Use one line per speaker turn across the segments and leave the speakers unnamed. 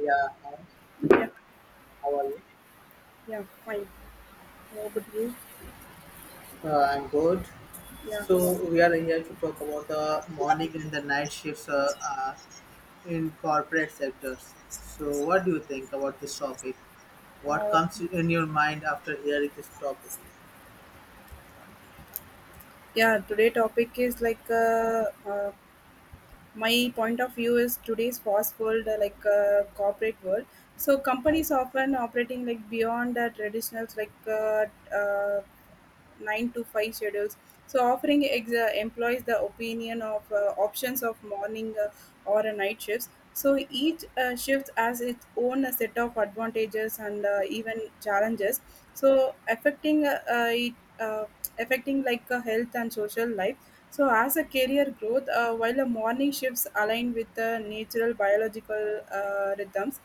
Yeah,
Yeah,
how are you?
yeah, fine. How about you?
I'm good.
Yeah,
So we are here to talk about the morning and the night shifts in corporate sectors. So what do you think about this topic? What
uh,
comes in your mind after hearing this topic?
yeah. Today topic is like my point of view is today's fast world, like corporate world. So companies often operating like beyond the traditional like uh, 9 to 5 schedules. So offering employs the opinion of options of morning or a night shifts. So each shift has its own set of advantages and even challenges. So affecting it, uh, affecting like health and social life. So as a career growth, while the morning shifts align with the natural biological rhythms,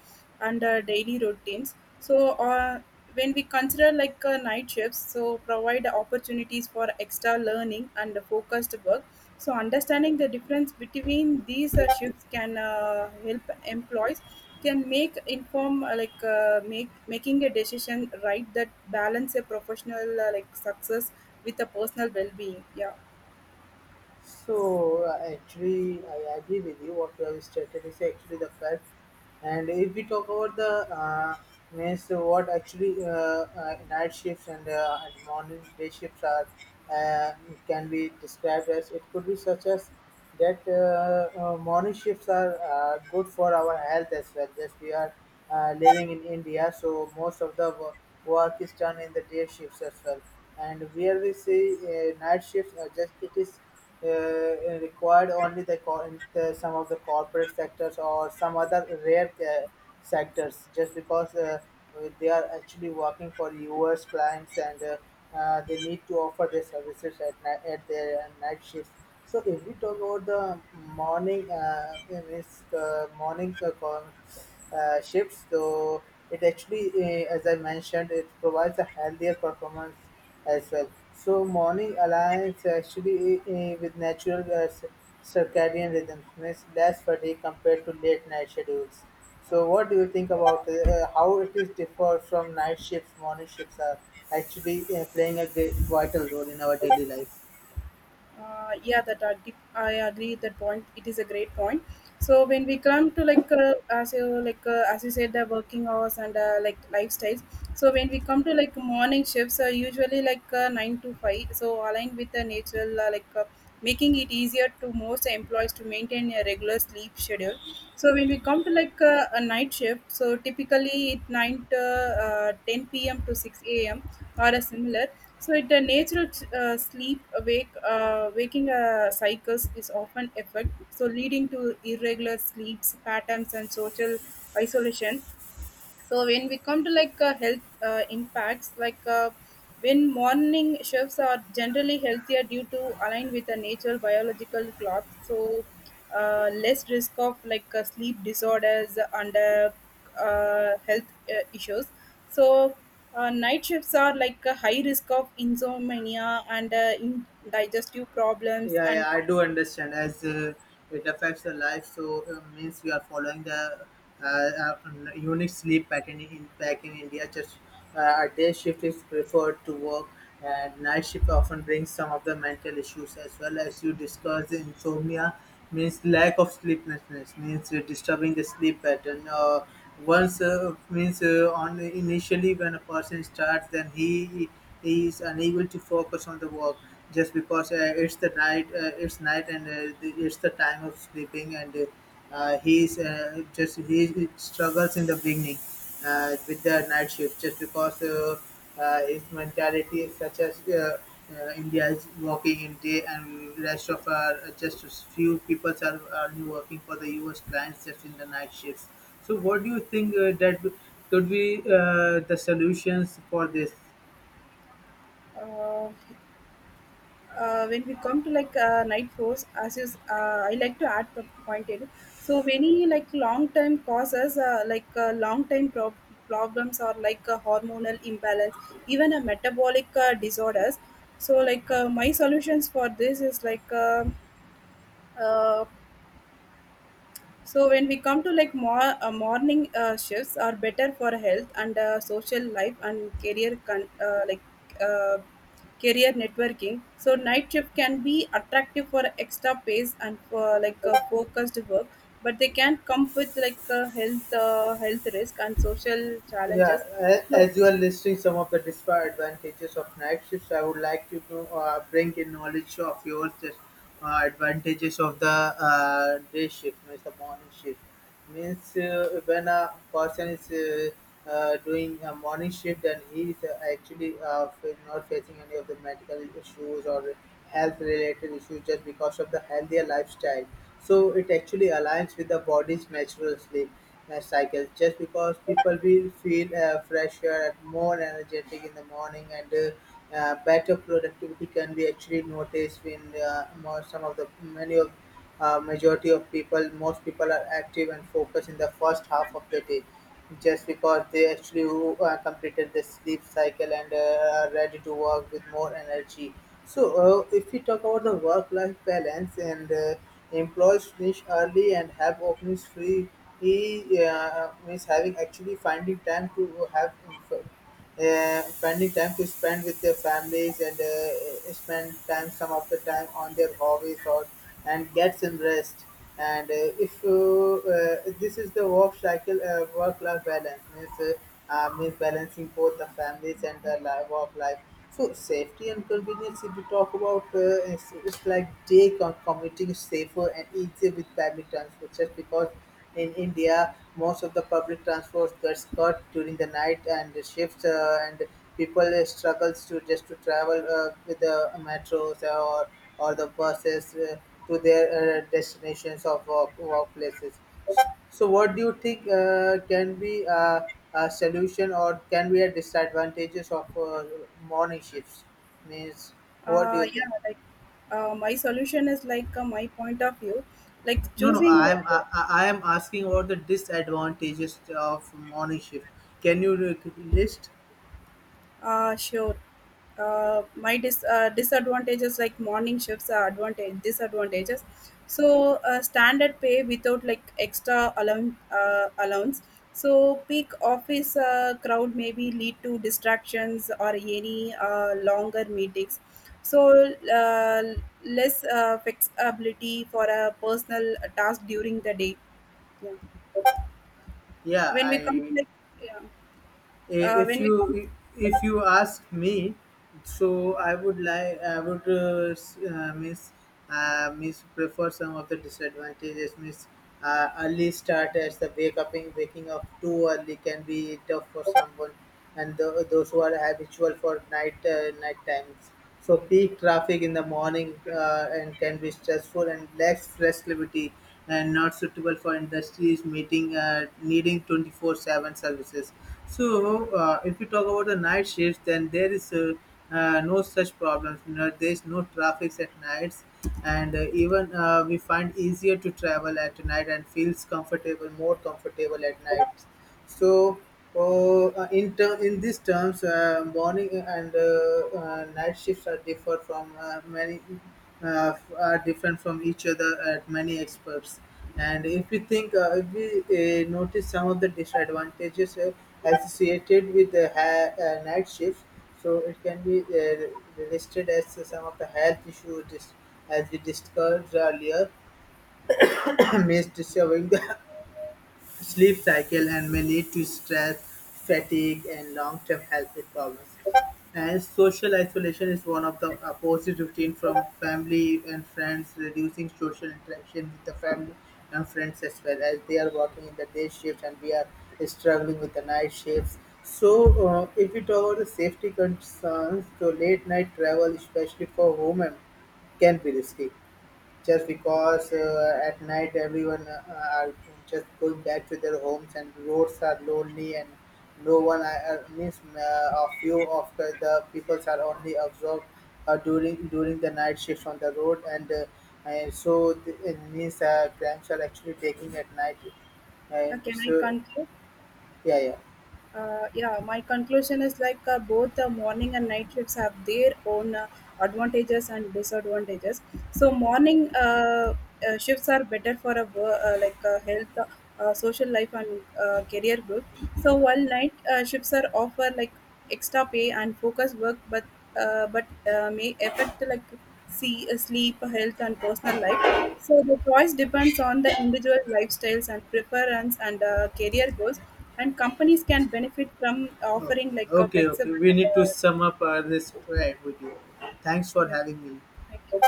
and our daily routines, so when we consider like night shifts so provide opportunities for extra learning and focused work, so understanding the difference between these shifts can help employees, can make inform like make making a decision right that balance a professional like success with a personal well-being, yeah.
So actually, I agree with you. What you have stated is actually the fact. And if we talk about the means, what actually night shifts and morning day shifts are uh, can be described as it could be such as that morning shifts are good for our health as well. Just we are living in India, so most of the work is done in the day shifts as well. And where we see night shifts, are just it is uh, required only in the some of the corporate sectors or some other rare sectors just because they are actually working for US clients and they need to offer their services at night at their night shifts. So if we talk about the morning means, morning shifts, so it actually as I mentioned it provides a healthier performance as well. So morning aligns actually with natural circadian rhythms, means less fatigue compared to late night schedules. So what do you think about how it is differ from night shifts? Morning shifts are actually playing a great vital role in our daily life.
Yeah, that I agree with that point, it is a great point. So when we come to like as you said, the working hours and like lifestyles. So when we come to like morning shifts are usually like 9 to 5, so aligned with the natural making it easier to most employees to maintain a regular sleep schedule. So when we come to like a night shift, so typically it 9 to 10 p.m. to 6 a.m. or a similar. So it, the natural sleep awake waking cycles is often affected, so leading to irregular sleep patterns and social isolation. So when we come to like health impacts, like when morning shifts are generally healthier due to align with the natural biological clock, so less risk of like sleep disorders and health issues. So night shifts are like a high risk of insomnia and in digestive problems.
Yeah,
And
yeah, I do understand as it affects the life. So means we are following the unique sleep pattern in back in India. Just a day shift is preferred to work, and night shift often brings some of the mental issues as well as you discussed. Insomnia means lack of sleeplessness, means disturbing the sleep pattern. Once means on initially when a person starts, then he is unable to focus on the work just because it's the night it's night and it's the time of sleeping and he's just he struggles in the beginning with the night shift just because his mentality is such as India is working in day and rest of our just few people are only working for the US clients just in the night shifts. So what do you think that could be the solutions for this?
uh, when we come to like night floors, as is, I like to add the point in. So many like long term causes, like problems or like hormonal imbalance, even a metabolic disorders. So like my solutions for this is like. Uh, so when we come to like more morning shifts are better for health and social life and career con- like uh, career networking. So night shift can be attractive for extra pace and for like focused work, but they can come with like health risk and social
Yeah,
challenges. So
as you are listing some of the disadvantages of night shifts, I would like to know, bring in knowledge of yours that advantages of the day shift, means the morning shift means when a person is doing a morning shift and he is actually not facing any of the medical issues or health related issues just because of the healthier lifestyle so it actually aligns with the body's natural sleep cycle just because people will feel fresher and more energetic in the morning and better productivity can be actually noticed when more, some of the many of majority of people most people are active and focused in the first half of the day just because they actually completed the sleep cycle and are ready to work with more energy so if we talk about the work life balance and employees finish early and have openings free he means having actually finding time to have finding time to spend with their families and spend time some of the time on their hobbies or and get some rest and if this is the work cycle work life balance means means balancing both the families and the life, work life so safety and convenience if you talk about it's like day commuting is safer and easier with public transport just because in India, most of the public transport gets cut during the night and the shifts, and people struggles to just to travel with the metros or the buses to their destinations of workplaces. So, what do you think can be a solution or can be a disadvantages of morning shifts? Means, what do you think?
yeah, like my solution is like my point of view, like
No, no,
choosing like.
I am asking about the disadvantages of morning shift. Can you look list?
Sure. My disadvantages, like morning shifts are advantage disadvantages. So standard pay without like extra allowance. Allowance. So peak office crowd maybe lead to distractions or any longer meetings. So less flexibility for a personal task during the day. Yeah.
Yeah,
When we come to
I
like, yeah.
i-
uh,
if
when we
you
come,
if you ask me, so I would like I would miss miss prefer some of the disadvantages. Miss early start as the wake up waking up too early can be tough for someone, and those who are habitual for night night times. So peak traffic in the morning and can be stressful and lacks flexibility and not suitable for industries meeting needing 24/7 services. So if you talk about the night shifts, then there is no such problems. You there is no traffic at nights, and even we find easier to travel at night and feels comfortable, more comfortable at night. So, in these terms, morning and night shifts are differ from are different from each other at many experts. And if we think, if we notice some of the disadvantages associated with the night shifts, so it can be listed as some of the health issues as we discussed earlier, means disturbing the sleep cycle and may lead to stress, fatigue, and long-term health problems. And social isolation is one of the opposite routine from family and friends, reducing social interaction with the family and friends as well as they are working in the day shift and we are struggling with the night shifts. So, if we talk about the safety concerns, so late night travel, especially for women, can be risky just because at night everyone are just going back to their homes and roads are lonely and no one means a few of the peoples are only absorbed during during the night shifts on the road and so it means crimes are actually taking at night and
can I
so
conclude?
yeah, yeah.
Yeah, my conclusion is like both the morning and night shifts have their own advantages and disadvantages, so morning shifts are better for a like health, social life, and career growth. So while night shifts are offer like extra pay and focus work, but but may affect like, see, sleep health and personal life. So the choice depends on the individual lifestyles and preference and career goals, and companies can benefit from
Okay,
offering like a
okay.
flexible
We need to
and
sum up this right with you, thanks for
yeah,
having me.
thank you.